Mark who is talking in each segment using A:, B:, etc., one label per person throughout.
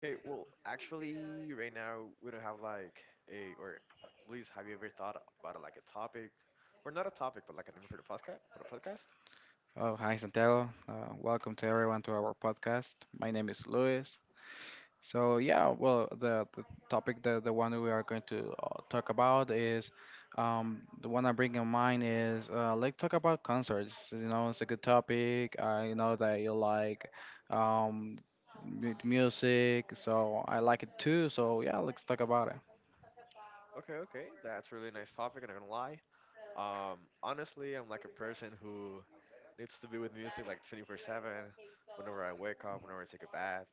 A: Okay, well, actually, right now we don't have like a or Luis, have you ever thought about like a topic, or not a topic, but like a name For the podcast?
B: Oh, hi Santiago. Welcome to everyone to our podcast. My name is Luis. So yeah, well, the topic, the one that we are going to talk about is, the one I bring in mind is let's talk about concerts. You know, it's a good topic. I know that you like, um, music, so I like it too. So yeah, let's talk about it.
A: Okay, okay, that's really nice topic. I'm not gonna lie. Honestly, I'm like a person who needs to be with music like 24/7. Whenever I wake up, whenever I take a bath,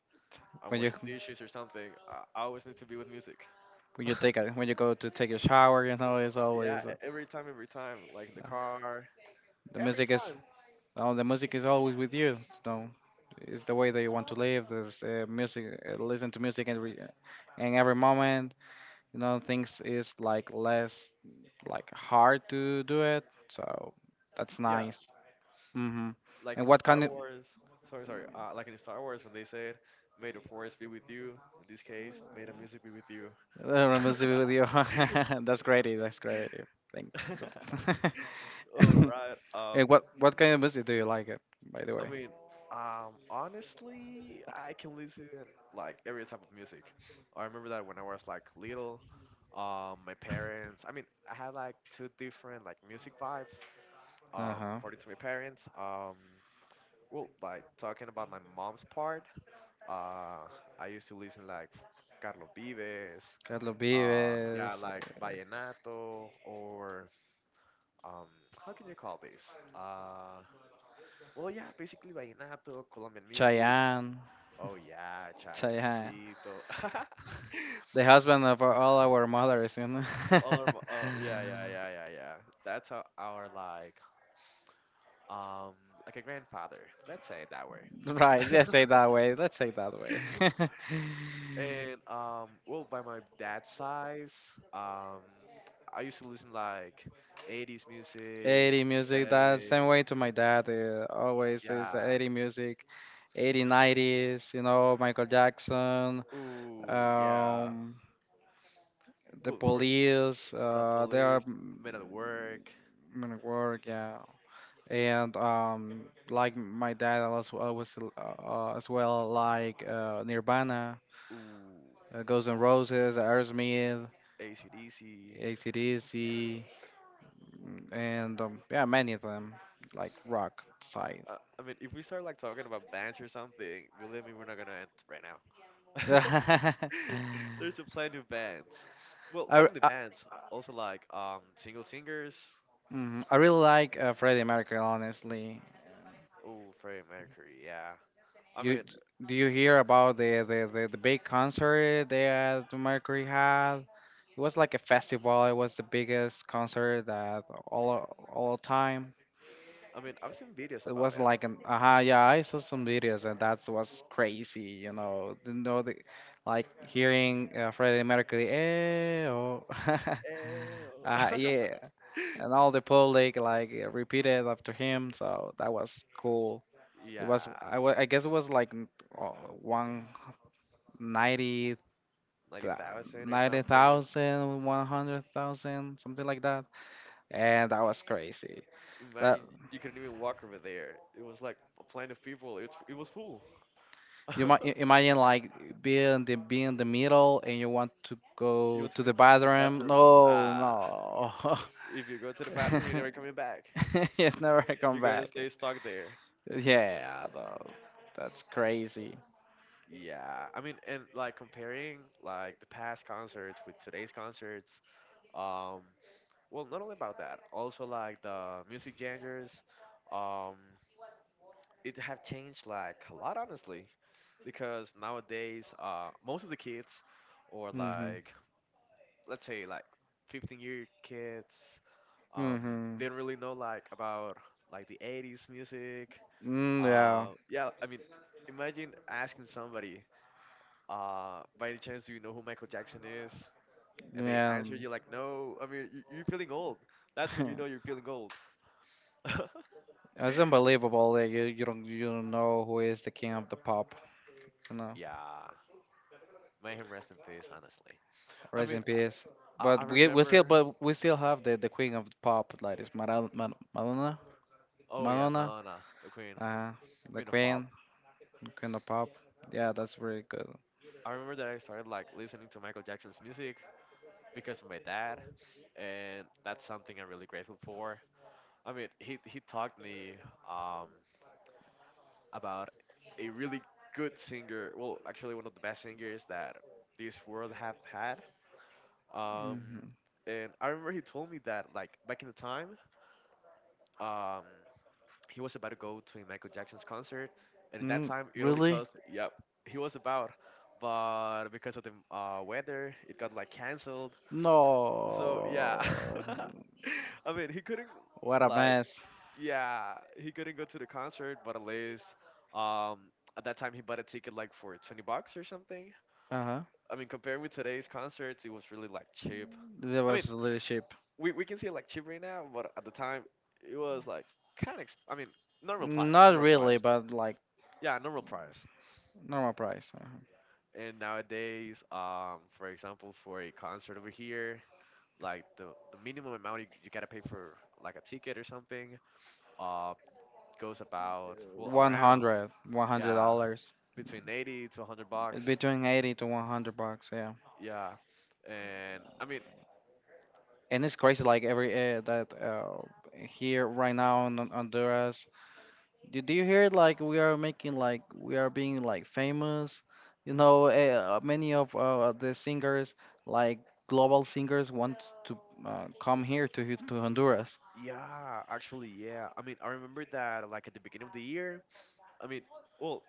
A: I'm
B: When you
A: washing dishes or something. I always need to be with music.
B: when you take a, when you go to take a shower, you know, it's always.
A: Yeah, every time, every time, like in the
B: uh,
A: car,
B: The
A: every
B: music is
A: time.
B: oh, the music is always with you. No, it's the way that you want to live. There's music. Listen to music and every moment, you know, things is like less like hard to do it. So that's
A: Yeah,
B: nice. Mhm. And
A: like in
B: what kind
A: Star
B: of
A: Wars. Sorry, sorry. Like in Star Wars when they said, "May the force be with you." In this case, "May the music be with you."
B: music with you? That's great. That's great. Thank.
A: All right.
B: And what kind of music do you like it? By the
A: I
B: way.
A: mean, honestly, I can listen like every type of music. I remember that when I was like little, my parents. I mean, I had like two different like music vibes.
B: Uh huh.
A: According to my parents. Well, like talking about my mom's part. Uh, I used to listen like Carlos Vives,
B: Carlos
A: yeah,
B: Vives,
A: like
B: uh,
A: vallenato or um how can you call this, uh well, yeah, basically vallenato, Colombian music.
B: Chayanne.
A: Oh yeah,
B: So yeah,
A: Chayancito.
B: the husband of all our mothers, you know.
A: all of oh yeah, yeah, yeah, yeah, yeah. That's our, like, um like a grandfather, let's say it that way.
B: Right, let's say that way. Let's say that way.
A: And, well, by my dad's size, um I used to listen like 80s music,
B: 80 music, that same
A: 70s,
B: way to my dad. Always is the
A: yeah.
B: 80 music, 80, 90s, you know, Michael Jackson,
A: Ooh, yeah.
B: um, the
A: Well, for
B: police,
A: the
B: they are
A: police, men at work,
B: gonna work, yeah. And like my dad, I was always as well like Nirvana.
A: ooh,
B: Uh, Guns N' Roses, Aerosmith,
A: AC/DC.
B: AC/DC, and yeah, many of them like rock side.
A: I mean, if we start like talking about bands or something, believe me, we're not gonna end right now.
B: I
A: There's a plenty of bands. Well, not
B: I,
A: only bands, also like, single singers.
B: mhm, I really like Freddie Mercury, honestly.
A: Oh, Freddie Mercury, yeah. I
B: You
A: mean,
B: Do you hear about the big concert that Mercury had? It was like a festival. It was the biggest concert that all time.
A: I mean, I've seen videos
B: It
A: about
B: was
A: it.
B: like an aha, yeah, I saw some videos and that was crazy, you know the, like hearing Freddie Mercury, eh, oh,
A: Ew.
B: yeah, and all the public like repeated after him, so that was cool. It was,
A: Yeah,
B: I guess it was like uh, 190,
A: 90,000 or something.
B: something like that, and that was crazy. That
A: Imagine you couldn't even walk over there. It was like a plane of people. It was full.
B: you might imagine like being in the middle and you want to
A: You
B: go
A: want to
B: to
A: go
B: the
A: to the
B: bathroom.
A: bathroom.
B: No,
A: Ah,
B: no.
A: if you go to the bathroom, you're never coming back.
B: You never come
A: You're going to
B: back.
A: stay stuck there.
B: Yeah, though that's crazy.
A: Yeah, I mean, and like comparing like the past concerts with today's concerts, um, well, not only about that, also like the music genres, um, it have changed like a lot, honestly, because nowadays, most of the kids, or
B: Mhm.
A: like, let's say like 15-year kids, um
B: Mhm.
A: didn't really know like about like the 80s music.
B: Mm, yeah.
A: Yeah, I mean, imagine asking somebody, by any chance, do you know who Michael Jackson is? And they
B: Yeah.
A: answer you like no. I mean, you're feeling old. That's when you know you're feeling old.
B: It's unbelievable that you don't know who is the king of the pop. You know,
A: Yeah, may him rest in peace, honestly. I
B: rest
A: mean,
B: in peace.
A: I
B: But we still
A: remember.
B: but we still have the queen of the pop like it's Madonna.
A: Oh yeah,
B: Madonna.
A: Madonna, the
B: Uh, the
A: queen of pop.
B: Queen, Queen of Pop. Yeah, that's really good.
A: I remember that I started like listening to Michael Jackson's music because of my dad, and that's something I'm really grateful for. I mean, he talked me, um, about a really good singer. Well, actually, one of the best singers that this world have had. Um,
B: Hmm.
A: and I remember he told me that like back in the time, um, he was about to go to a Michael Jackson's concert, and at that
B: Mm,
A: time it only
B: really?
A: cost, yep, he was about, but because of the, weather, it got like canceled. So yeah,
B: No.
A: I mean he couldn't,
B: What a
A: like,
B: mess.
A: yeah, he couldn't go to the concert, but at least, um at that time he bought a ticket like for 20 bucks or something.
B: Uh huh.
A: I mean, comparing with today's concerts, it was really like cheap.
B: That
A: I mean,
B: was really cheap.
A: we can see it like cheap right now, but at the time it was like kind of
B: Not
A: normal
B: really,
A: price,
B: but like
A: yeah, normal price.
B: normal price. Uh-huh.
A: And nowadays, for example, for a concert over here, like the minimum amount you gotta pay for like a ticket or something, uh goes about, well, around, yeah,
B: Dollars
A: between 80 to 100 bucks.
B: between 80 to 100 bucks, yeah.
A: Yeah, and I mean,
B: And it's crazy, like every that here right now in Honduras, do you hear like we are making like we are being like famous? You know, many of the singers, like global singers, want to come here to to Honduras.
A: yeah, actually, yeah, I mean, I remember that like at the beginning of the year, I mean, well,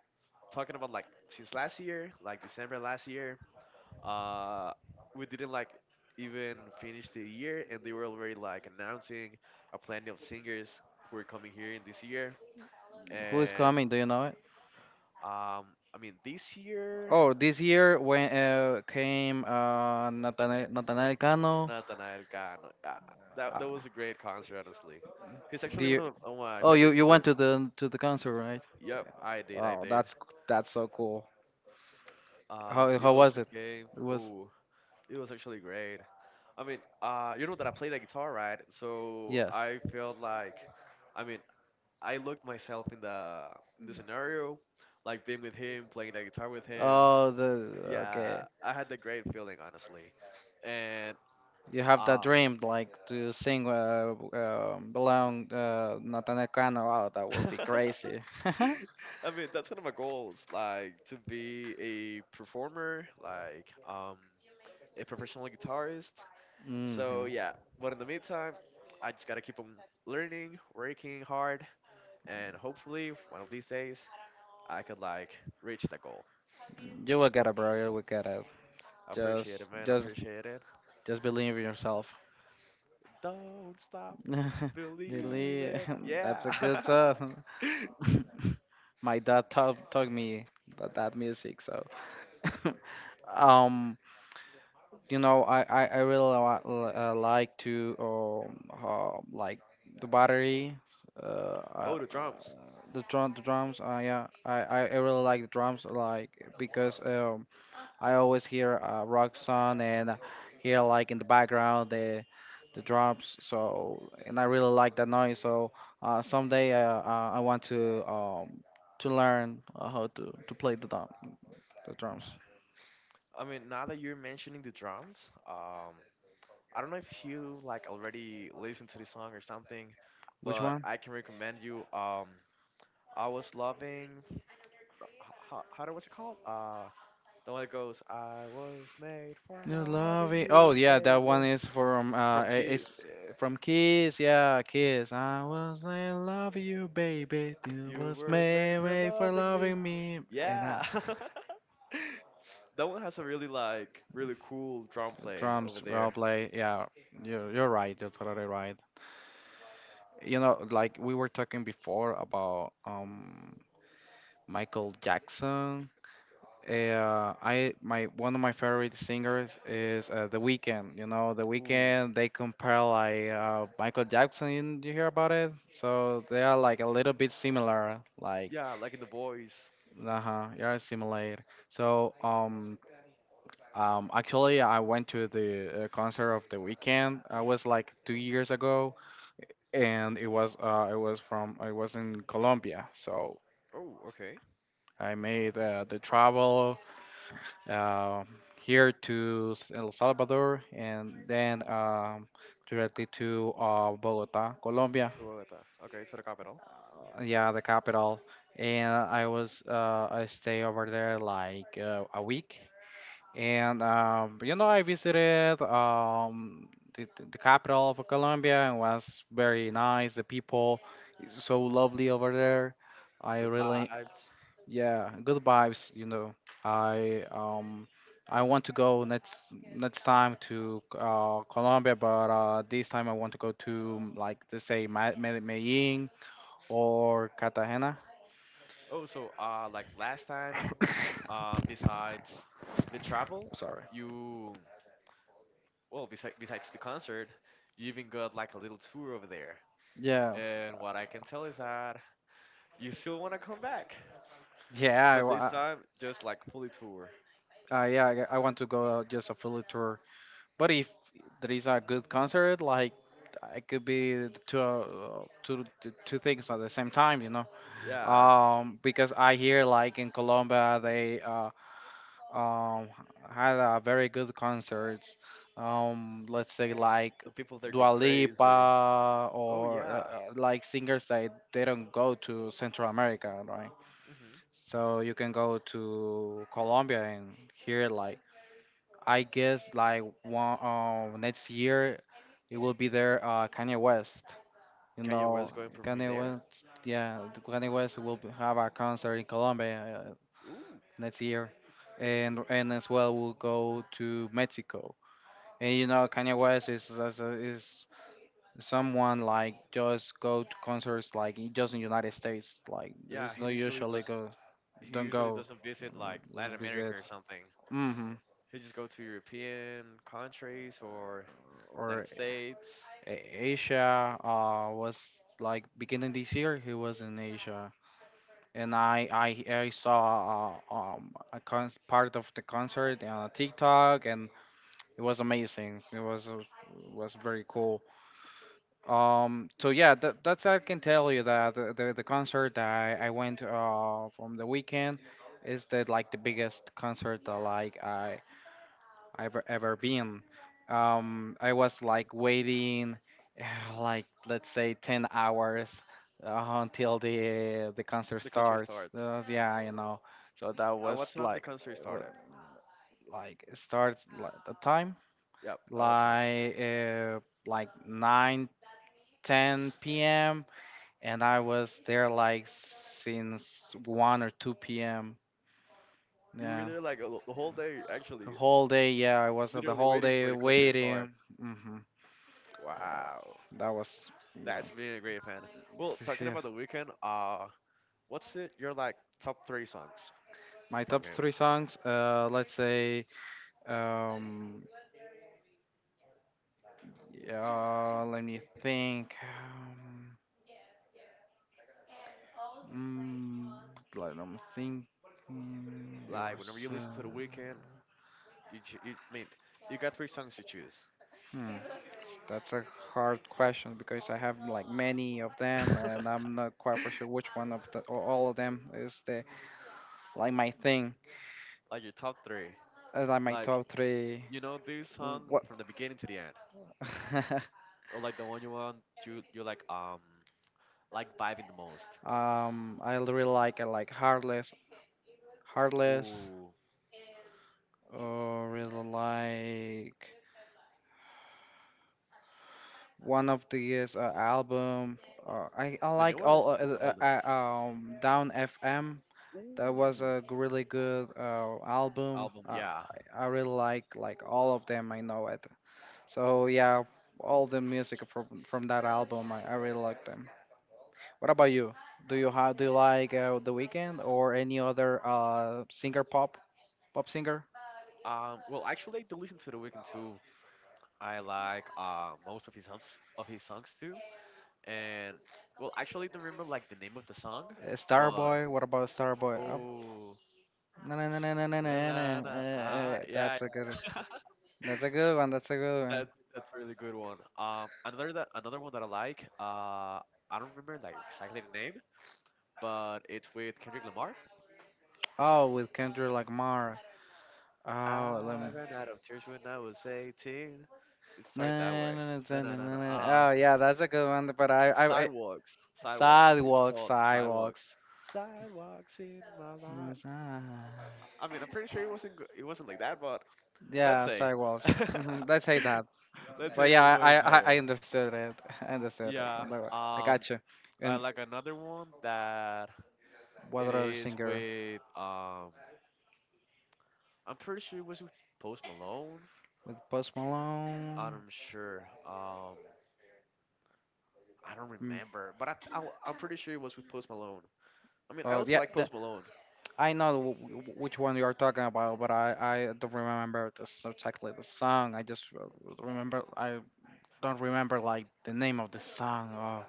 A: talking about like since last year, like December last year, uh we didn't like even finish the year and they were already like announcing a plenty of singers who are coming here in this year.
B: Who is
A: And,
B: coming? Do you know it?
A: um I mean, this year
B: Oh, this year when came Nathaniel Cano.
A: Nathanael Cano. Ah, that was
B: Uh,
A: a great concert, honestly. He's actually one
B: do
A: of my
B: Oh, you
A: favorite
B: you went
A: singers.
B: to the concert, right?
A: Yep, I did, I
B: Oh,
A: did.
B: that's so cool.
A: It
B: How was
A: also
B: it?
A: came.
B: It was
A: Oh, it was actually great. I mean, you know that I play the guitar, right? So
B: yes.
A: I felt like, I mean, I looked myself in the, scenario, like being with him, playing the guitar with him.
B: Oh, the okay.
A: Yeah, I had the great feeling, honestly. And,
B: You have that
A: um,
B: dream, like to sing belong Natanekano. Oh, that will be crazy.
A: I mean, that's one of my goals, like to be a performer, like, a professional guitarist. So
B: Hmm.
A: yeah, but in the meantime, I just gotta keep on learning, working hard, and hopefully one of these days I could like reach that goal.
B: You will get it, bro. You will get it.
A: I
B: Just,
A: appreciate it, man. I
B: just,
A: appreciate it.
B: just believe in yourself.
A: Don't stop
B: Believe.
A: believing. Yeah.
B: That's a good song. My dad taught me that, that music, so. Um, you know I really like to like the battery uh,
A: Oh,
B: uh
A: the drums.
B: the drum the drums yeah I really like the drums like because I always hear a rock song and hear like in the background the drums so and I really like that noise so someday I want to learn how to play the drums.
A: I mean, now that you're mentioning the drums, um, I don't know if you like already listened to the song or something,
B: Which
A: but
B: one?
A: I can recommend you. I was loving. How was it called? The one that goes, "I was made for
B: New love
A: loving
B: it. Oh
A: you,
B: yeah, that
A: baby."
B: one is from
A: From
B: it's
A: Kiss.
B: from Kiss. Yeah, Kiss. I was in love with you, baby. You
A: You
B: was
A: were made
B: made
A: for
B: way for
A: loving me.
B: loving me. And
A: Yeah. That one has a really, like, really cool drum play
B: drums,
A: over there.
B: role play. Yeah, you're right. You're totally right. You know, like we were talking before about Michael Jackson. I My one of my favorite singers is The Weeknd. You know, The
A: Ooh.
B: Weeknd. They compare like Michael Jackson. You hear about it? So they are like a little bit similar. Like,
A: Yeah, like in the voice.
B: uh huh, yeah, similar. So actually, I went to the concert of The Weeknd. I was like 2 years ago, and it was in Colombia. So
A: Oh, okay.
B: I made the travel uh, here to El Salvador, and then directly to Bogota, Colombia.
A: To Bogota. Okay, to the capital.
B: Yeah, the capital. And I was I stay over there like a week, and you know I visited the capital of Colombia and was very nice. The people is so lovely over there. I
A: The
B: really
A: vibes.
B: yeah, good vibes, you know. I um I want to go next time to Colombia, but this time I want to go to like let's say Medellin or Cartagena.
A: Oh, so, like last time, besides the travel,
B: Sorry.
A: you, well, besides the concert, you even got like a little tour over there.
B: Yeah.
A: And what I can tell is that you still want to come back,
B: Yeah, I
A: but this
B: wa-
A: time just like fully tour.
B: uh, yeah, I want to go just a full tour. But if there is a good concert, like it could be the two things at the same time, you know.
A: Yeah,
B: Because I hear like in Colombia they um had a very good concerts. Let's say like
A: the people there go
B: Dua
A: crazy.
B: Lipa
A: Oh
B: or
A: yeah.
B: like singers that they don't go to Central America, right?
A: Hmm.
B: So you can go to Colombia and hear like I guess like one next year it will be there Kanye West. You
A: Kanye
B: know
A: West going performing
B: Kanye
A: there.
B: West, yeah, Kanye West will have a concert in Colombia
A: Ooh.
B: next year, and as well we'll go to Mexico. And you know, Kanye West is someone like just go to concerts like just in United States. Like there's
A: Yeah,
B: no usually go
A: he
B: don't
A: usually
B: go.
A: doesn't visit like
B: Just
A: Latin America
B: visit.
A: or something.
B: Mm-hmm.
A: He just go to European countries or
B: Or
A: United States.
B: Asia was like beginning this year. He was in Asia, and I saw a part of the concert on TikTok, and it was amazing. It was very cool. So yeah, that's I can tell you that the concert that I went from the weekend is the like the biggest concert that like I've ever been. I was like waiting, like let's say 10 hours until the concert
A: The concert
B: starts.
A: starts.
B: Yeah, you know. So that
A: At what
B: was
A: time the concert
B: uh,
A: started?
B: like it starts like the time
A: Yep, at what time?
B: like 9:10 p.m. and I was there like since 1 or 2 p.m
A: You were
B: yeah
A: there like the whole day,
B: the
A: actually,
B: whole day yeah I was the
A: literally
B: whole
A: waiting
B: day
A: for the concert to
B: waiting
A: start.
B: hmm
A: Wow,
B: that was yeah.
A: that's being a great fan. Well, talking
B: Yeah.
A: about the weekend, what's it? Your, like, top three songs
B: My
A: from
B: top
A: him?
B: three songs let's say um yeah let me think let me think. Mm,
A: Like, whenever
B: yours.
A: you listen to the weekend, you, I mean, you got three songs to choose.
B: Hmm. That's a hard question because I have like many of them, and I'm not quite for sure which one of the or all of them is the like my thing.
A: Like your top three.
B: As like my
A: Like,
B: top three.
A: you know this song
B: What?
A: from the beginning to the end, or like the one you want, you like, like vibing the most.
B: Um, I like Heartless, Heartless,
A: Ooh,
B: or really like one of these album. I
A: the
B: like all
A: newest or the oldest?
B: Down FM that was
A: Ooh,
B: a really good album.
A: album. Yeah.
B: I really like all of them. I know it. So yeah, all the music from that album, I really like them. What about you? Do you have do you like The Weeknd or any other singer pop singer?
A: Well, actually, to listen to the weekend too. I like, most of his songs, too, and, well, actually, don't remember like the name of the song, but,
B: Starboy. What about Starboy?
A: oh.
B: Na na na na na na na.
A: Da,
B: Na,
A: da, da, da, ah, yeah,
B: That's a good. That's a good one. That's a good one.
A: That's a really good one. Another that another one that I like. I don't remember like exactly the name, but it's with Kendrick Lamar.
B: Oh, with Kendrick Lamar. Oh, let me.
A: I ran out of tears when I was 18. It
B: Na,
A: started that way.
B: na,
A: No,
B: na, na, na,
A: no, no,
B: na,
A: no.
B: na. Oh, yeah, that's a good one. But I
A: Sidewalks, sidewalks. It's
B: sidewalks,
A: called sidewalks.
B: sidewalks.
A: Sidewalks in my life.
B: Yes, ah.
A: I mean, I'm pretty sure it wasn't it wasn't like that, but let's
B: Yeah,
A: say,
B: sidewalks. Mm-hmm, let's say that.
A: let's
B: But
A: say it
B: yeah,
A: was going that way.
B: I understood it. I understood it.
A: Yeah.
B: Although, I
A: Um,
B: got you.
A: I
B: And
A: like another one that
B: what
A: it
B: other
A: is
B: singer?
A: with, I'm pretty sure it was with Post Malone.
B: With Post Malone.
A: I'm sure. Um I don't
B: Mm,
A: remember, but I'm pretty sure it was with Post Malone. I mean, I
B: oh
A: also
B: yeah,
A: like
B: the,
A: Post Malone.
B: I know which one you're talking about, but I don't remember this exactly the song. I just remember I don't remember like the name of the song.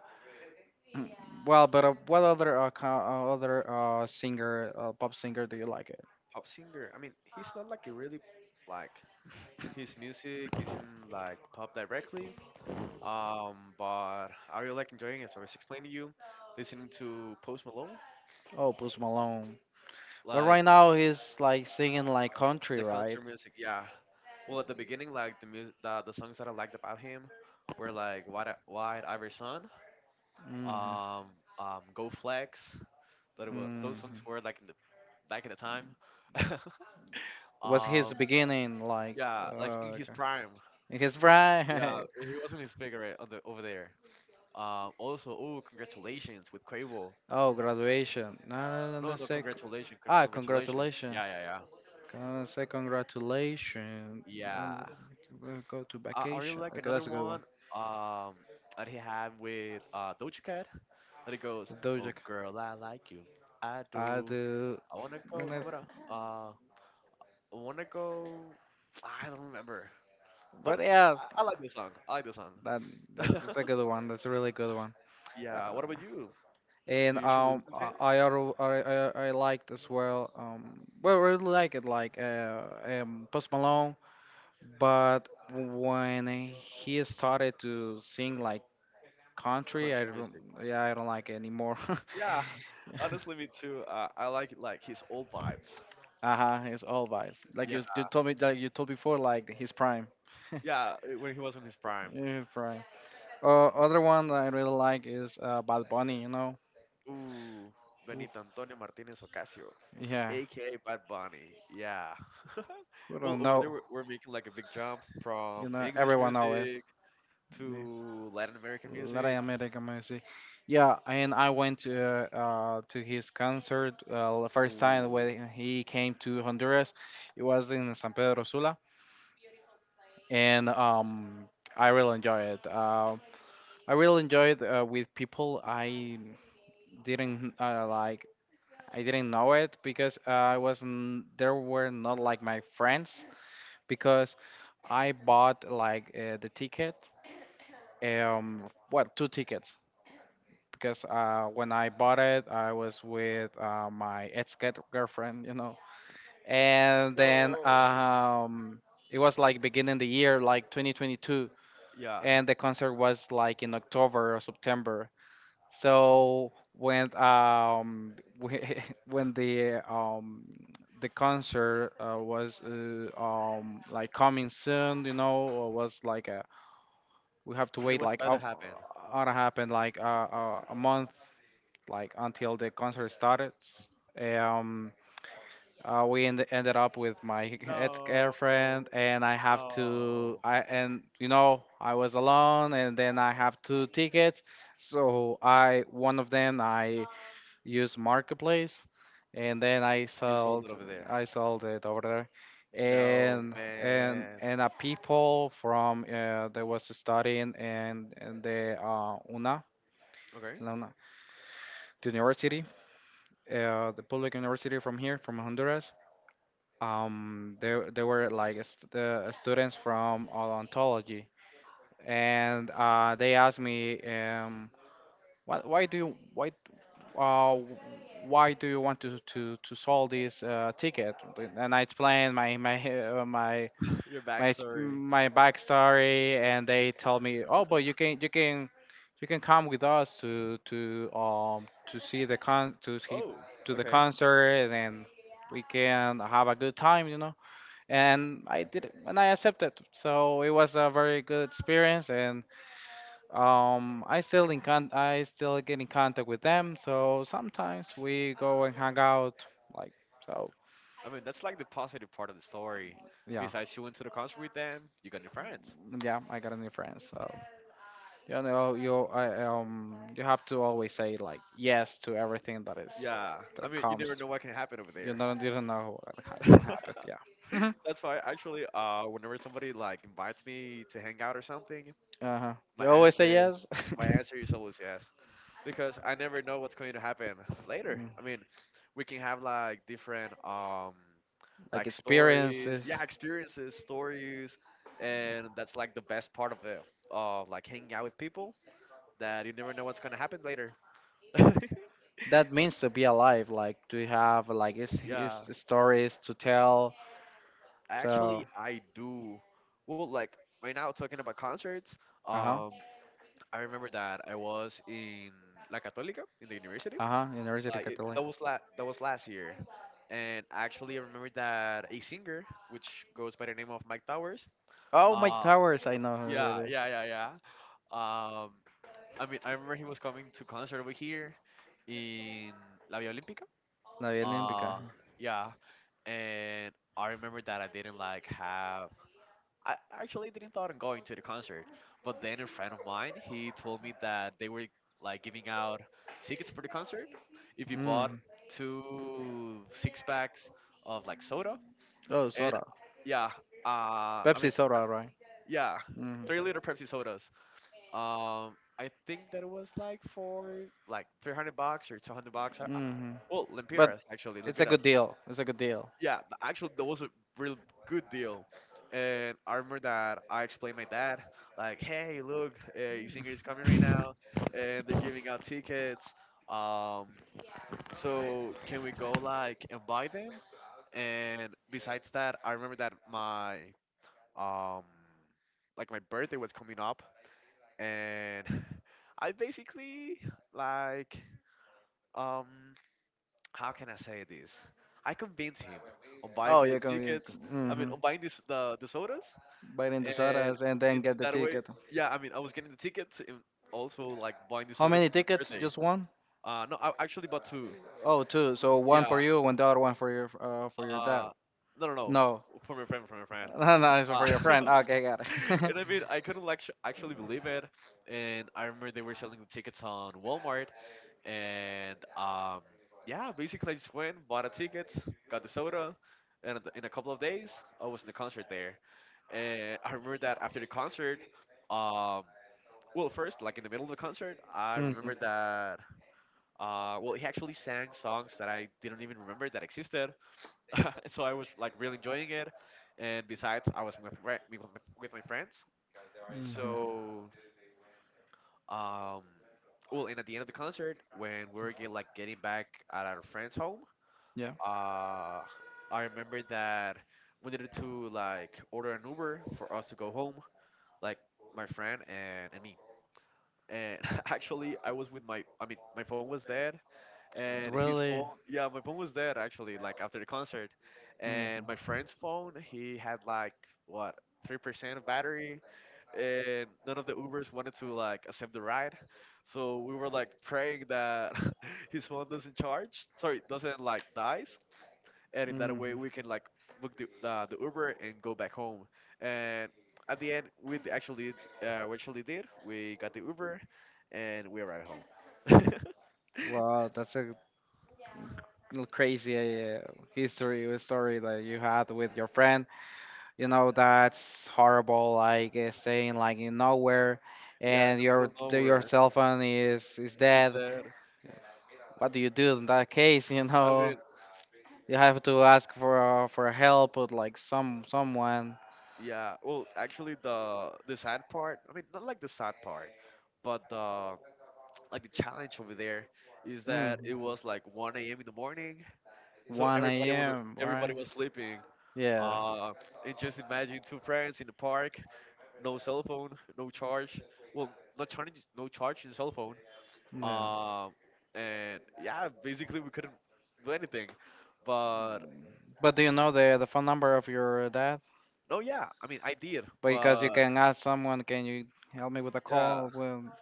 B: Mm, well, but what other singer, pop singer, do you like it?
A: Pop singer. I mean, he's not like a really, like, his music isn't like pop directly. But I really like enjoying it. So I was explaining to you, listening to Post Malone.
B: Oh, Post Malone. But right
A: Like
B: now he's like singing like country,
A: like country
B: right?
A: music. Yeah. Well, at the beginning, like the music, the songs that I liked about him were like "Wide, Wide Ivory Sun,"
B: Hmm.
A: um, "Go Flex." That was
B: Hmm.
A: those songs were like in the back in the time.
B: Was
A: um,
B: his beginning like?
A: yeah, like in his
B: Okay.
A: prime.
B: His
A: Yeah,
B: bride.
A: he was in his figure right, on the over there. Also, oh, congratulations with Quavo.
B: Oh, graduation. No, no, no,
A: No,
B: no,
A: no,
B: sec-
A: congratulations, con-
B: ah,
A: congratulations.
B: congratulations.
A: Yeah, yeah,
B: Can I say congratulations?
A: yeah, yeah.
B: And we'll go to
A: I really
B: vacation.
A: like
B: Okay,
A: another
B: that's a good
A: one,
B: one.
A: um, that he had with, Doja Cat. That it goes,
B: The
A: "Oh
B: Doja Cat.
A: girl, I like you, I
B: I
A: do.
B: do.
A: I wanna
B: and
A: go. Come
B: it-
A: on, uh, I wanna go." I don't remember, but
B: But yeah,
A: I like this song. I like this song.
B: that that's a good one. That's a really good one.
A: Yeah. What
B: Uh,
A: about you? Do
B: and
A: you usually listen to him?
B: I, al- I liked as well. Well, really like it, like Post Malone. But when he started to sing like country,
A: Country
B: I don't,
A: music?
B: yeah, I don't like it anymore.
A: Yeah. Honestly, me too. I like, his old vibes.
B: Uh-huh, it's all vibes. Like
A: Yeah.
B: you told me, like you told before, like his prime.
A: Yeah. When he was in his prime.
B: Yeah, his prime. Other one that I really like is Bad Bunny. You know,
A: Ooh, Benito
B: oof,
A: Antonio Martinez Ocasio.
B: yeah.
A: Aka Bad Bunny. Yeah.
B: Who
A: well,
B: don't
A: over there
B: know?
A: we're making like a big jump from
B: You know,
A: English
B: everyone knows.
A: music
B: Yeah.
A: to Latin American music.
B: Latin American music. Yeah, and I went to his concert the first time
A: Ooh.
B: when he came to Honduras. It was in San Pedro Sula, and I really enjoyed it. I really enjoyed with people. Didn't uh, like I didn't know it because I wasn't there were not like my friends because I bought like the ticket, um well, two tickets, because when I bought it I was with my ex girlfriend you know, and then it was like beginning the year, like 2022,
A: Yeah.
B: and the concert was like in October or September. So when we- when the concert was like coming soon, you know, or was like a, we have to
A: When it
B: wait
A: was
B: like
A: about to happen.
B: how to happen like a month, like until the concert started. Um, Ended up with my ex-girlfriend, and I have to. I and you know I was alone, and then I have two tickets. So I one of them I use marketplace, and then i
A: You sold it
B: sold
A: over there.
B: i sold it over there.
A: No,
B: and and
A: man.
B: and a people from that was studying in the una,
A: Okay.
B: la una the university, the public university from here, from Honduras. They were like the students from odontology, and they asked me, why, why do you why uh, why do you want to to sell this ticket? And I explained my
A: Your backstory.
B: my backstory, and they told me, "Oh, but you can come with us to to see the con to see-
A: Oh,
B: to the
A: okay.
B: concert, and we can have a good time, you know." And I did it and I accepted. So it was a very good experience, and I still in I still get in contact with them. So sometimes we go and hang out, like, so.
A: I mean, that's like the positive part of the story.
B: Yeah,
A: Besides, you went to the concert with them, you got new friends.
B: yeah, I got a new friend. So you know, you have to always say like yes to everything that is
A: Yeah. I
B: that
A: mean, you
B: comes.
A: never know what can happen over there.
B: You don't know what can happen. Yeah.
A: That's why actually, whenever somebody like invites me to hang out or something,
B: Uh huh.
A: my
B: You always say
A: answer,
B: yes.
A: my answer is always yes. Because I never know what's going to happen later. I mean, we can have like different
B: Like
A: like stories,
B: experiences.
A: yeah, experiences, stories, and that's like the best part of it. Of like hanging out with people that you never know what's gonna happen later.
B: That means to be alive, like to have like his
A: yeah,
B: stories to tell. So,
A: actually, I do. Well, like right now talking about concerts,
B: uh huh,
A: um, I remember that I was in La Católica in the university.
B: uh huh, University
A: Like it,
B: Catholic.
A: that was that was last year, and actually I remember that a singer which goes by the name of Mike Towers.
B: Oh, My
A: Uh,
B: Towers, I know who
A: yeah,
B: it is.
A: yeah, yeah, yeah. Um, I mean I remember he was coming to concert over here in La Villa Olímpica.
B: La Vía Olímpica.
A: Uh, yeah, and I remember that I didn't like have. I actually didn't thought on going to the concert, but then a friend of mine he told me that they were like giving out tickets for the concert if you bought
B: Mm.
A: two six packs of like soda
B: Oh,
A: and
B: soda.
A: yeah, I
B: Pepsi
A: mean
B: soda, right?
A: yeah,
B: Mm-hmm.
A: 3 liter Pepsi sodas. I think that it was like for like 300 bucks or 200 bucks.
B: Hmm.
A: Well,
B: But
A: lempiras actually,
B: it's a good
A: lempiras.
B: deal. It's a good deal.
A: Yeah, actually, that was a real good deal. And I remember that I explained my dad, like, "Hey, look, a singer is coming right now, and they're giving out tickets. Um, so can we go like and buy them?" And besides that, I remember that my um, like my birthday was coming up, and I basically like um how can I say this? I convinced him on buying
B: Oh,
A: me the
B: you can. You,
A: tickets. I mean,
B: mm-hmm.
A: on buying this the sodas,
B: Biting the
A: and
B: sodas and
A: in,
B: then get
A: in
B: the
A: that way,
B: ticket.
A: yeah. I mean, I was getting the tickets and also like buying the
B: How
A: sodas
B: many
A: for my
B: tickets?
A: birthday.
B: Just one?
A: No, I actually bought two.
B: Oh, two. So one for
A: Yeah.
B: you, one, the other one for your dad.
A: Uh, no, no, no.
B: No,
A: For my friend.
B: no, no. It's
A: Uh,
B: for your friend. Okay, got it.
A: and I mean, I couldn't like actually believe it. And I remember they were selling the tickets on Walmart, and. Yeah, basically I just went, bought a ticket, got the soda, and in a couple of days I was in the concert there. And I remember that after the concert, um, well, first, like in the middle of the concert, I
B: Mhm.
A: remember that. Well, he actually sang songs that I didn't even remember that existed, and so I was like really enjoying it. And besides, I was with with my friends.
B: Mhm.
A: So, um, well, and at the end of the concert, when we were like getting back at our friend's home,
B: Yeah.
A: uh, I remember that we needed to like order an Uber for us to go home, like my friend and, me. And actually, I was I mean, my phone was dead, and
B: Really?
A: yeah, my phone was dead actually, like after the concert.
B: Hmm.
A: And my friend's phone, he had like, what, 3% of battery, and none of the Ubers wanted to like accept the ride. So we were like praying that his phone doesn't charge, sorry, doesn't like dies, and in that
B: Hmm.
A: way we can like book the Uber and go back home. And at the end, we actually did. We got the Uber, and we arrived home.
B: Wow, that's a crazy history story that you had with your friend. You know that's horrible. Like staying like in nowhere,
A: yeah, in
B: and
A: the middle of
B: your
A: nowhere.
B: cell phone is
A: Is
B: dead.
A: that?
B: What do you do in that case? You
A: I
B: know
A: mean,
B: you have to ask for help with like someone.
A: yeah. Well, actually, the sad part. I mean, not like the sad part, but the like the challenge over there is that it
B: Mm.
A: was like 1 a.m. in the morning, so
B: 1 a.m.
A: everybody
B: right?
A: was sleeping.
B: Yeah.
A: Uh, and just imagine two friends in the park, no cell phone, no charge. Well, not charging, no charge in cell phone.
B: Yeah.
A: Um, and yeah, basically we couldn't do anything. But
B: But do you know the phone number of your dad?
A: no, yeah, I mean I did,
B: Because you
A: but
B: can ask someone, "Can you help me with a
A: yeah,
B: call?" Well,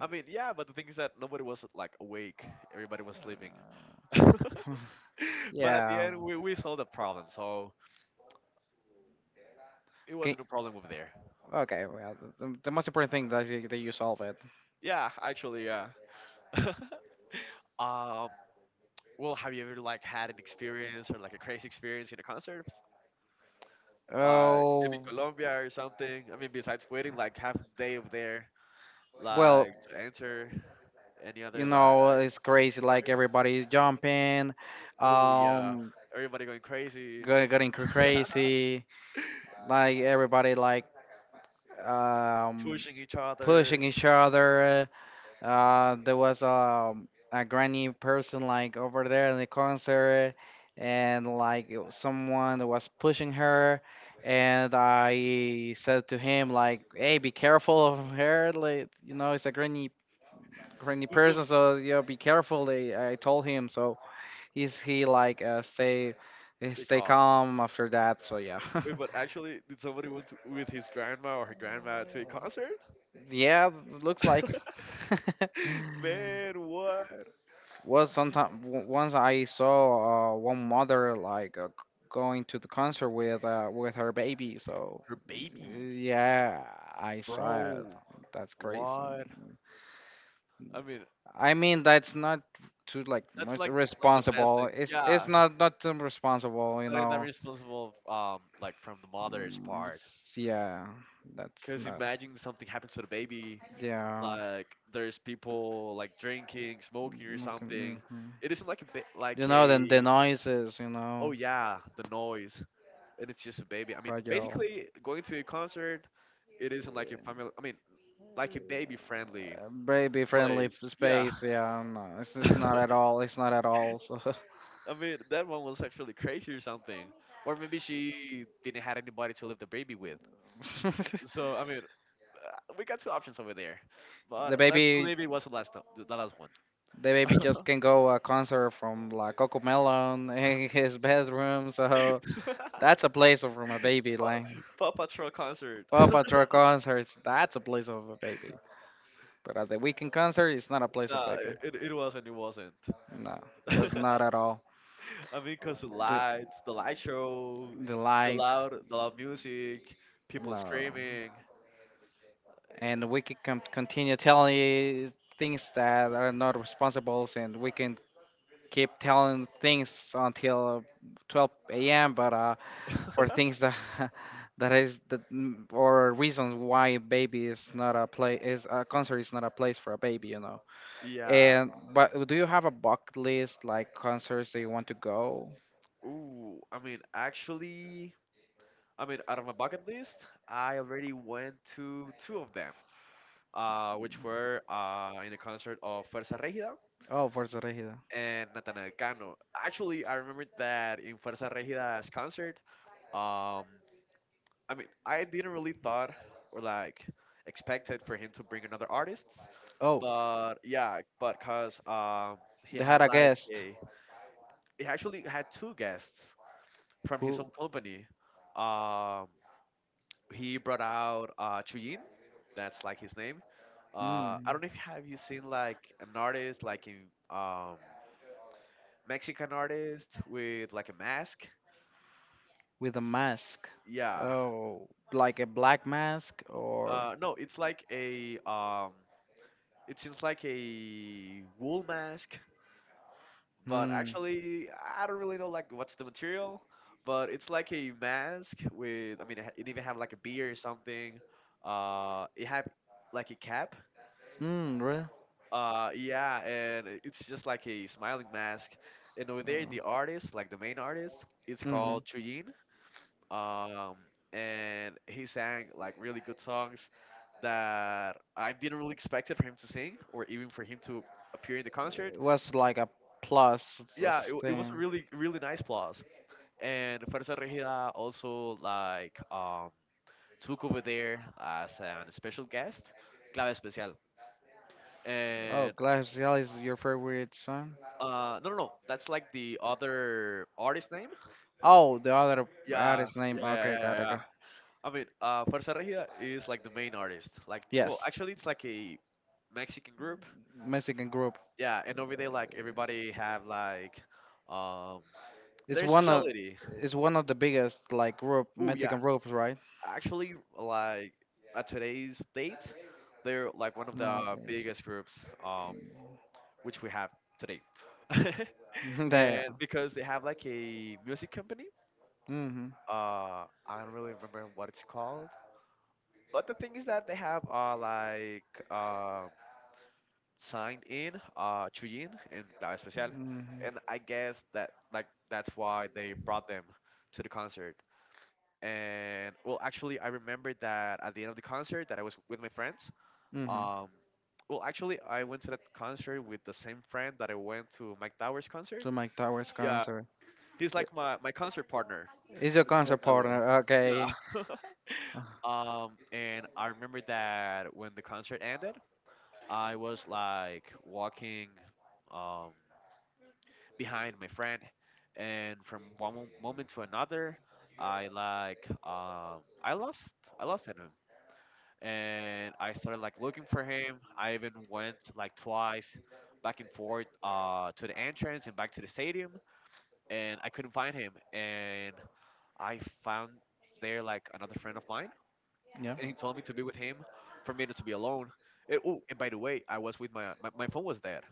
A: I mean yeah, but the thing is that nobody was like awake. Everybody was sleeping. but at the
B: yeah.
A: end, we solved the problem, so it
B: Okay.
A: wasn't a problem over there.
B: Okay. Well, the most important thing that that you solve it.
A: Yeah, actually, yeah. um, well, have you ever like had an experience or like a crazy experience in a concert? Like maybe
B: Oh.
A: Colombia or something. I mean, besides waiting like half a day of there,
B: Well,
A: like to enter any
B: you
A: other like
B: know, it's crazy. Like
A: story.
B: everybody's jumping,
A: Oh yeah,
B: um,
A: everybody going crazy,
B: getting crazy. Like everybody like um
A: pushing each
B: pushing
A: other.
B: each other. There was a granny person like over there in the concert, and like it was someone that was pushing her, and I said to him like, "Hey, be careful of her, like you know, it's a granny
A: Did some.
B: person, so you know, be careful." They, I told him, so he like
A: Stay
B: stay
A: calm.
B: calm after that. So yeah,
A: Wait, but actually, did somebody went to, with his grandma or her grandma to a concert?
B: yeah, looks like.
A: Man, what?
B: Well, sometimes once I saw one mother like going to the concert with her baby. So
A: Her baby,
B: yeah, I saw it.
A: bro.
B: That's crazy.
A: What? I mean,
B: I mean, that's not too like
A: that's
B: much
A: like like the best
B: responsible.
A: thing.
B: It's
A: Yeah.
B: not not too responsible, you
A: Not I'm
B: know.
A: responsible, like from the mother's part.
B: Yeah, that's
A: Cause
B: not.
A: imagine something happens to the baby,
B: Yeah.
A: like there's people like drinking, smoking or
B: Mm, okay,
A: something.
B: mhm.
A: It isn't like a bit
B: You
A: like
B: know, then the
A: a
B: noises, you
A: oh
B: know,
A: yeah the noise, and it's just a baby. I mean,
B: fragile.
A: basically going to a concert, it isn't like a family. I mean, like a baby friendly
B: Baby friendly
A: place. Yeah.
B: space. Yeah, no, it's not at all. It's not at all. So
A: I mean, that one was actually crazy or something, or maybe she didn't have anybody to leave the baby with. So I mean, we got two options over there, but
B: the
A: let's
B: baby,
A: believe it was the last one.
B: the baby just can go a concert from like Cocomelon in his bedroom. So that's a place of from a baby. Like
A: Pa- Paw Patrol concert.
B: Paw Patrol concerts, that's a place of a baby. But at the weekend concert, it's not a place of
A: Nah,
B: baby.
A: it wasn't. It wasn't.
B: No, it
A: I
B: was not at all.
A: mean, cause the
B: The,
A: lights, the light show,
B: the lights.
A: the loud music, people
B: No.
A: screaming.
B: And we can continue telling you things that are not responsible, and we can keep telling things until 12 a.m. But for things that that is that mm, or reasons why a baby is not a play is a concert is not a place for a baby, you know.
A: Yeah.
B: And but do you have a bucket list, like concerts that you want to go?
A: Ooh. I mean, actually, I mean, out of my bucket list, I already went to two of them. Which were in the concert of Fuerza Regida
B: Oh, Forza Regida.
A: and Nathanael Cano. Actually, I remember that in Fuerza Regida's concert, um, I mean, I didn't really thought or like expected for him to bring another artist,
B: Oh,
A: but yeah, but cause he
B: they had
A: had
B: a
A: like
B: guest.
A: a, he actually had two guests from his
B: Who?
A: own company. Um, he brought out Chuyin, that's like his name.
B: Mm.
A: I don't know if have you seen like an artist like in Mexican artist with like a mask.
B: With a mask.
A: Yeah.
B: Oh, like a black mask or.
A: No, it's like a it seems like a wool mask, but
B: Hmm.
A: actually I don't really know like what's the material, but it's like a mask with I mean it even have like a beard or something. It have like a cap.
B: Mm, really?
A: Yeah, and it's just like a smiling mask. And over there, the
B: Oh.
A: artist, like the main artist, it's
B: Mm-hmm.
A: called Chuyin. Um, and he sang like really good songs that I didn't really expect it for him to sing or even for him to appear in the concert.
B: It was like a plus
A: Yeah,
B: this
A: it was a
B: thing.
A: really really nice plus. And Fuerza Regida also like took over there as an special guest, Clave Especial,
B: Oh,
A: and
B: Glass Jelly is your favorite song?
A: no no no, that's like the other artist name.
B: Oh, the other
A: Yeah,
B: artist
A: yeah,
B: name.
A: yeah,
B: Okay,
A: yeah,
B: got
A: yeah.
B: it.
A: Yeah.
B: got-
A: I mean, Fuerza Regida is like the main artist. Like, well,
B: Yes.
A: actually, it's like a Mexican group.
B: Mexican group.
A: Yeah, and over there, like everybody have like, um,
B: It's
A: their
B: one of
A: specialty.
B: it's one of the biggest like rope
A: Oh yeah,
B: Mexican ropes, right?
A: actually, like at today's date, they're like one of
B: No,
A: the biggest groups, um, which we have
B: there's-
A: today,
B: there.
A: and because they have like a music company.
B: Mm-hmm.
A: I don't really remember what it's called. But the thing is that they have like um signed in Chuyin and La Especial, and I guess that like that's
B: Mm-hmm.
A: why they brought them to the concert. And well, actually, I remember that at the end of the concert that I was with my friends.
B: Mm-hmm.
A: Um, well, actually, I went to that concert with the same friend that I went to Mike Towers concert.
B: To Mike Towers
A: Yeah,
B: concert.
A: he's
B: I-
A: like my concert partner.
B: He's your
A: Let's call
B: concert
A: it that way.
B: partner. Okay.
A: Yeah. And I remember that when the concert ended, I was like walking, um, behind my friend, and from moment to another, I like I lost at him, and I started like looking for him. I even went like twice back and forth to the entrance and back to the stadium, and I couldn't find him. And I found there like another friend of mine,
B: Yeah.
A: and he told me to be with him for me not to be alone. Eh, oh, and by the way, I was with my phone was dead.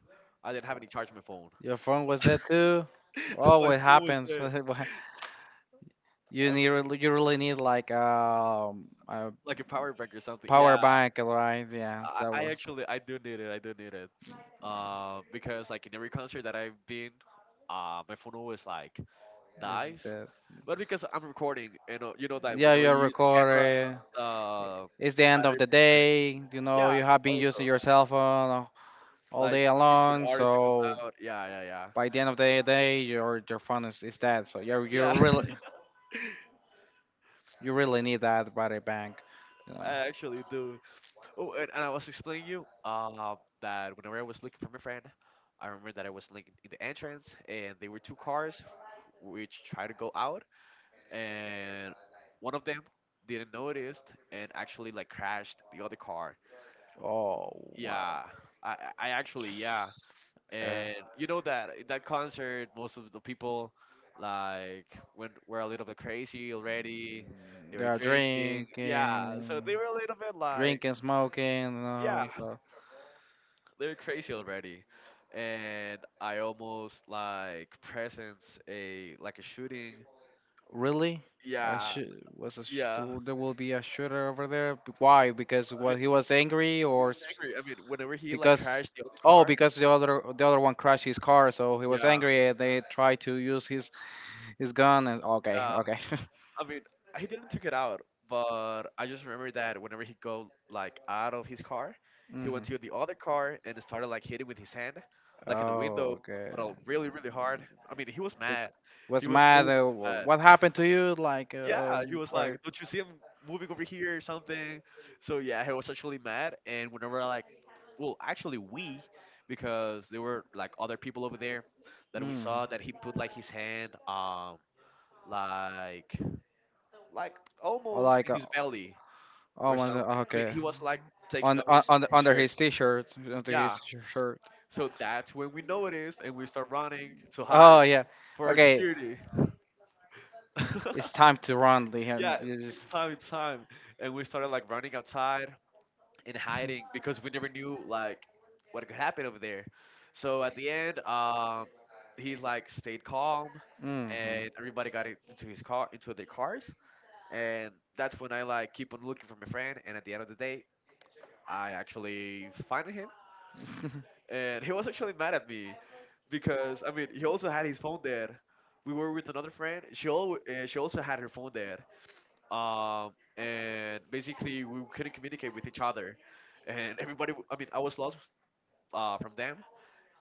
A: I didn't have any charge on my phone.
B: Your phone was there too.
A: my
B: Always
A: phone was
B: happens.
A: dead.
B: What, you need, you really need like a
A: Like a power bank or something.
B: power
A: Yeah,
B: bank, right? Yeah,
A: I,
B: that
A: I
B: was
A: actually I do need it. I do need it. Because like in every concert that I've been, my phone always like dies.
B: is that.
A: But because I'm recording, you know that
B: Yeah,
A: whenever
B: you're
A: you use the camera,
B: recording.
A: the
B: It's the
A: the
B: end of
A: battery
B: the
A: percentage.
B: day. You know
A: Yeah,
B: you have been using
A: also
B: your cell phone all
A: like
B: day
A: waiting for
B: long,
A: the artist to come
B: so
A: out. Yeah, yeah, yeah,
B: by the end of the day, your phone is dead. So you
A: yeah.
B: you really need that battery bank. You know.
A: I actually do. Oh, and I was explaining you that whenever I was looking for my friend, I remember that I was looking in the entrance, and there were two cars which tried to go out, and one of them didn't notice and actually like crashed the other car.
B: Oh wow.
A: Yeah, I actually yeah,
B: Yeah.
A: and you know that in that concert, most of the people like went were a little bit crazy already. They
B: They
A: were
B: are
A: drinking, yeah, so
B: drinking,
A: they were a little bit like
B: drinking, smoking,
A: yeah,
B: and so
A: they're crazy already. And I almost like presence a like a shooting.
B: really, I
A: Yeah,
B: should was a there
A: yeah.
B: will be a shooter over there. Why? Because
A: I mean,
B: what, he was angry
A: he
B: or
A: was angry. I mean, whenever he like
B: because,
A: crashed the other
B: oh,
A: car.
B: because the other one crashed his car, so he was
A: Yeah,
B: angry and they tried to use his gun, and okay
A: yeah.
B: okay.
A: I mean, he didn't took it out, but I just remember that whenever he go like out of his car, he
B: Hmm.
A: went to the other car and started like hitting with his hand, like in the window,
B: Oh okay.
A: but really, really hard. I mean, he was mad.
B: Was
A: He was
B: mad.
A: really, really mad.
B: What happened to you?
A: Yeah, he was like,
B: Like,
A: "Don't you see him moving over here or something?" So yeah, he was actually mad. And whenever I like, well, actually we, because there were like other people over there that we
B: mm.
A: saw that he put like his hand, like like
B: or
A: almost
B: like,
A: in his belly
B: oh
A: or
B: my God,
A: something. I mean,
B: okay,
A: he was like taking
B: on,
A: off his
B: under
A: shirt.
B: his t-shirt, under his
A: Yeah.
B: shirt.
A: So that's when we noticed and we start running to hide
B: Oh yeah,
A: for our
B: okay,
A: security.
B: it's time to run,
A: Yeah,
B: Liam. You just,
A: it's time, it's time. And we started like running outside in hiding because we never knew like what could happen over there. So at the end, he like stayed calm, and everybody got in- into his car, into their cars, and that's when I like keep on looking for my friend. And at the end of the day, I actually find him,
B: hmm
A: and he was actually mad at me because I mean he also had his phone dead. We were with another friend. She al- she also had her phone dead, and basically we couldn't communicate with each other, and everybody. W- I mean, I was lost from them,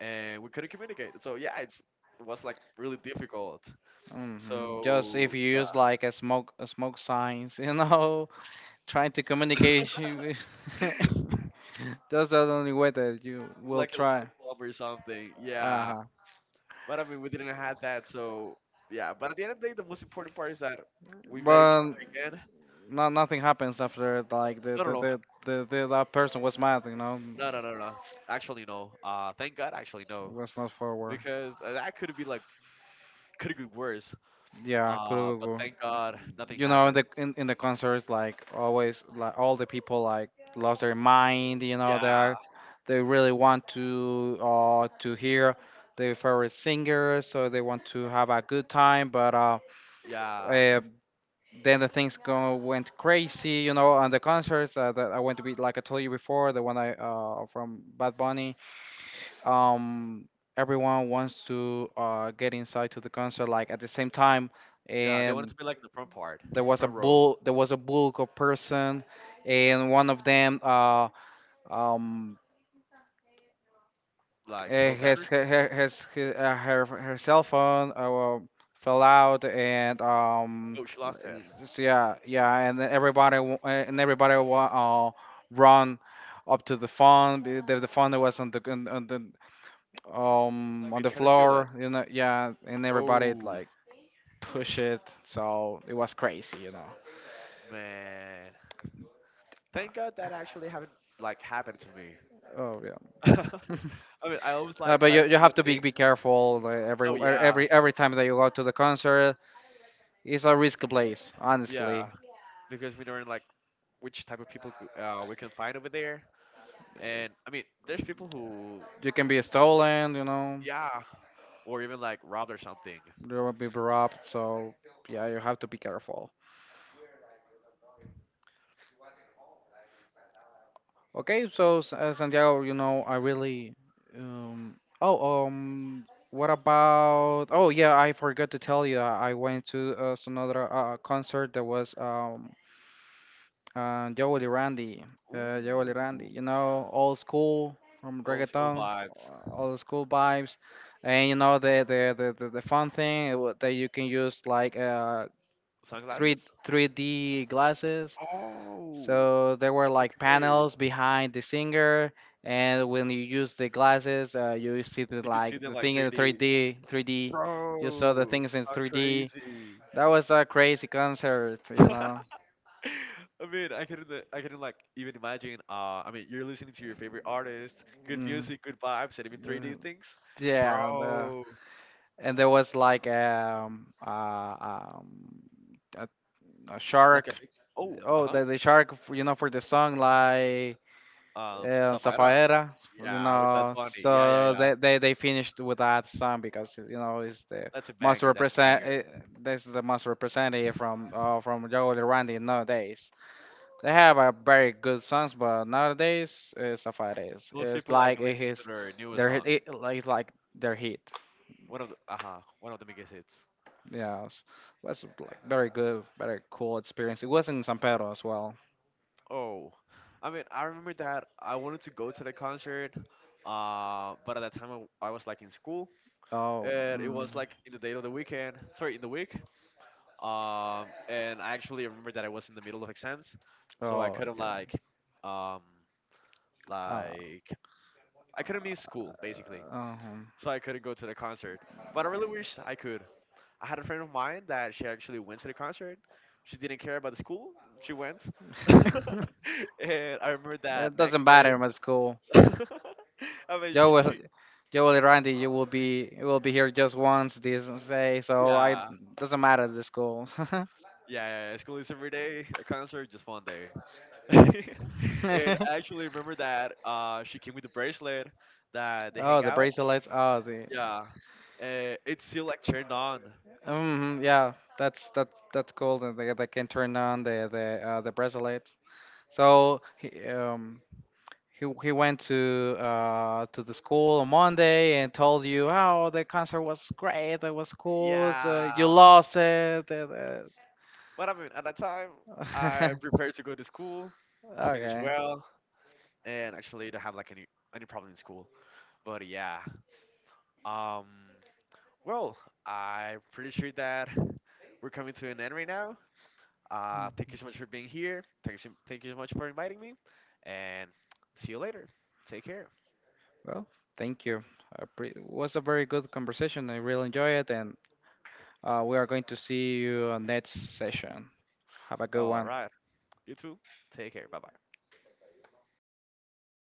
A: and we couldn't communicate. So yeah, it was like really difficult.
B: hmm. So just if
A: So
B: you
A: yeah,
B: use like a smoke signs, you know, trying to communicate you. That's the only way that you will
A: like a light
B: try.
A: bulb or something.
B: Yeah, uh
A: Yeah,
B: huh.
A: but I mean, we didn't have that. So yeah, but at the end of the day, the most important part is that we met each
B: But
A: other again.
B: no, nothing happens after like
A: No, no, no,
B: the that person was mad. You know,
A: no, no, no, no. Actually, no. Thank God. Actually,
B: it
A: no,
B: was not forward.
A: because that could be like could have been worse.
B: Yeah,
A: But
B: Kurugugu.
A: thank God nothing
B: You know,
A: happened.
B: in the concerts, like always, like all the people like lost their mind. You know, they
A: Yeah,
B: are, they really want to hear their favorite singer, so they want to have a good time. But
A: yeah,
B: uh then the things go went crazy. You know, on the concerts that I went to be, like I told you before, the one I from Bad Bunny. Um, Everyone wants to get inside to the concert like at the same time,
A: yeah. They wanted
B: and
A: to be like in the front part, front row,
B: there was a bulk of person, and one of them um
A: like
B: eh,
A: fell down or something.
B: his, her her cell phone fell out, and
A: Oh, she lost it.
B: yeah yeah, and then everybody run up to the phone, the phone was on
A: They
B: the
A: tried to seal it.
B: floor, you know, yeah, and everybody
A: Oh
B: like push it. So it was crazy, you know.
A: man, thank God that actually haven't like happened to me.
B: Oh yeah.
A: I mean, I always like
B: But
A: try to
B: you
A: put the
B: have to
A: things.
B: be careful, like, every
A: Oh yeah,
B: time that you go to the concert. It's a risky place,
A: yeah,
B: honestly.
A: because we don't like which type of people cou- we can find over there. And I mean, there's people who
B: You can be stolen, you know.
A: yeah, or even like robbed or something.
B: You will be robbed. So yeah, you have to be careful. Okay, so Santiago, you know, I really um oh what about, oh yeah, I forgot to tell you, I went to another concert that was Joel Randy, Joel Randy,
A: Ooh.
B: you know, old school from
A: Old school
B: reggaeton,
A: vibes.
B: old school vibes, and you know the fun thing that you can use like three
A: Sunglasses?
B: 3D glasses.
A: Oh,
B: So there were like
A: okay,
B: panels behind the singer, and when you use the glasses, you see the
A: you can see
B: like
A: them
B: the
A: like
B: thing in the
A: 3D.
B: 3D. You saw the
A: Bro,
B: things in
A: how
B: 3D.
A: crazy!
B: That was a crazy concert, you
A: I
B: know.
A: mean, I couldn't like even imagine. I mean, you're listening to your favorite artist, good
B: Mm,
A: music, good vibes, and even
B: uh,
A: 3D things,
B: yeah,
A: bro.
B: and there was like a, a
A: Like a
B: shark.
A: big, oh, uh
B: Oh,
A: huh.
B: the shark, you know, for the song like
A: Safira.
B: Safaera, you
A: Yeah, with that
B: know.
A: bunny. Yeah, yeah,
B: So
A: yeah.
B: they finished with that song because you know it's the
A: That's a
B: most
A: banger. That's a
B: represent.
A: banger.
B: This is the most representative from Jago de Randy nowadays. They have a very good songs, but nowadays Safaera is
A: Most
B: it's
A: people like
B: like eh,
A: listen to
B: his
A: their newest songs.
B: like their hit.
A: One of the biggest hits.
B: Yeah, it was like very good, very cool experience. It was in San Pedro as well.
A: Oh, I mean, I remember that I wanted to go to the concert, but at that time I was like in school,
B: Oh,
A: and it
B: mm.
A: was like in the day of the weekend. Sorry, in the week. And I actually remember that I was in the middle of exams, so I
B: Oh,
A: couldn't
B: okay.
A: um,
B: Uh,
A: like I couldn't miss school basically,
B: uh-huh.
A: so I couldn't go to the concert. But I really wish I could. I had a friend of mine that she actually went to the concert. She didn't care about the school. She went, and I remember
B: It
A: that
B: doesn't
A: next day.
B: matter. It's cool.
A: I mean,
B: Joe will,
A: she
B: Joe will, Randy, you will be here just once this day. So I
A: yeah,
B: doesn't matter. The school.
A: yeah, yeah. Yeah, school is every day. A concert just one day. And I actually remember that she came with a bracelet that they hang
B: Oh, the
A: out.
B: bracelets. Oh, the.
A: Yeah, and it's still like turned on.
B: Yeah, that's cool. And they can turn on the bracelet. So he went to the school on Monday and told you, "Oh, the concert was great. It was cool. it's, you
A: Yeah,
B: lost it.
A: but I mean, at that time,
B: Uh."
A: I prepared to go to school to finish
B: Okay.
A: well, and actually don't have like any problem in school. But yeah, um, well, I'm pretty sure that we're coming to an end right now. Thank you so much for being here. Thank you so much for inviting me, and see you later. Take care.
B: Well, thank you. I pre- It was a very good conversation. I really enjoy it, and we are going to see you on next session. Have a good
A: All
B: one.
A: right, you too. Take care. Bye bye.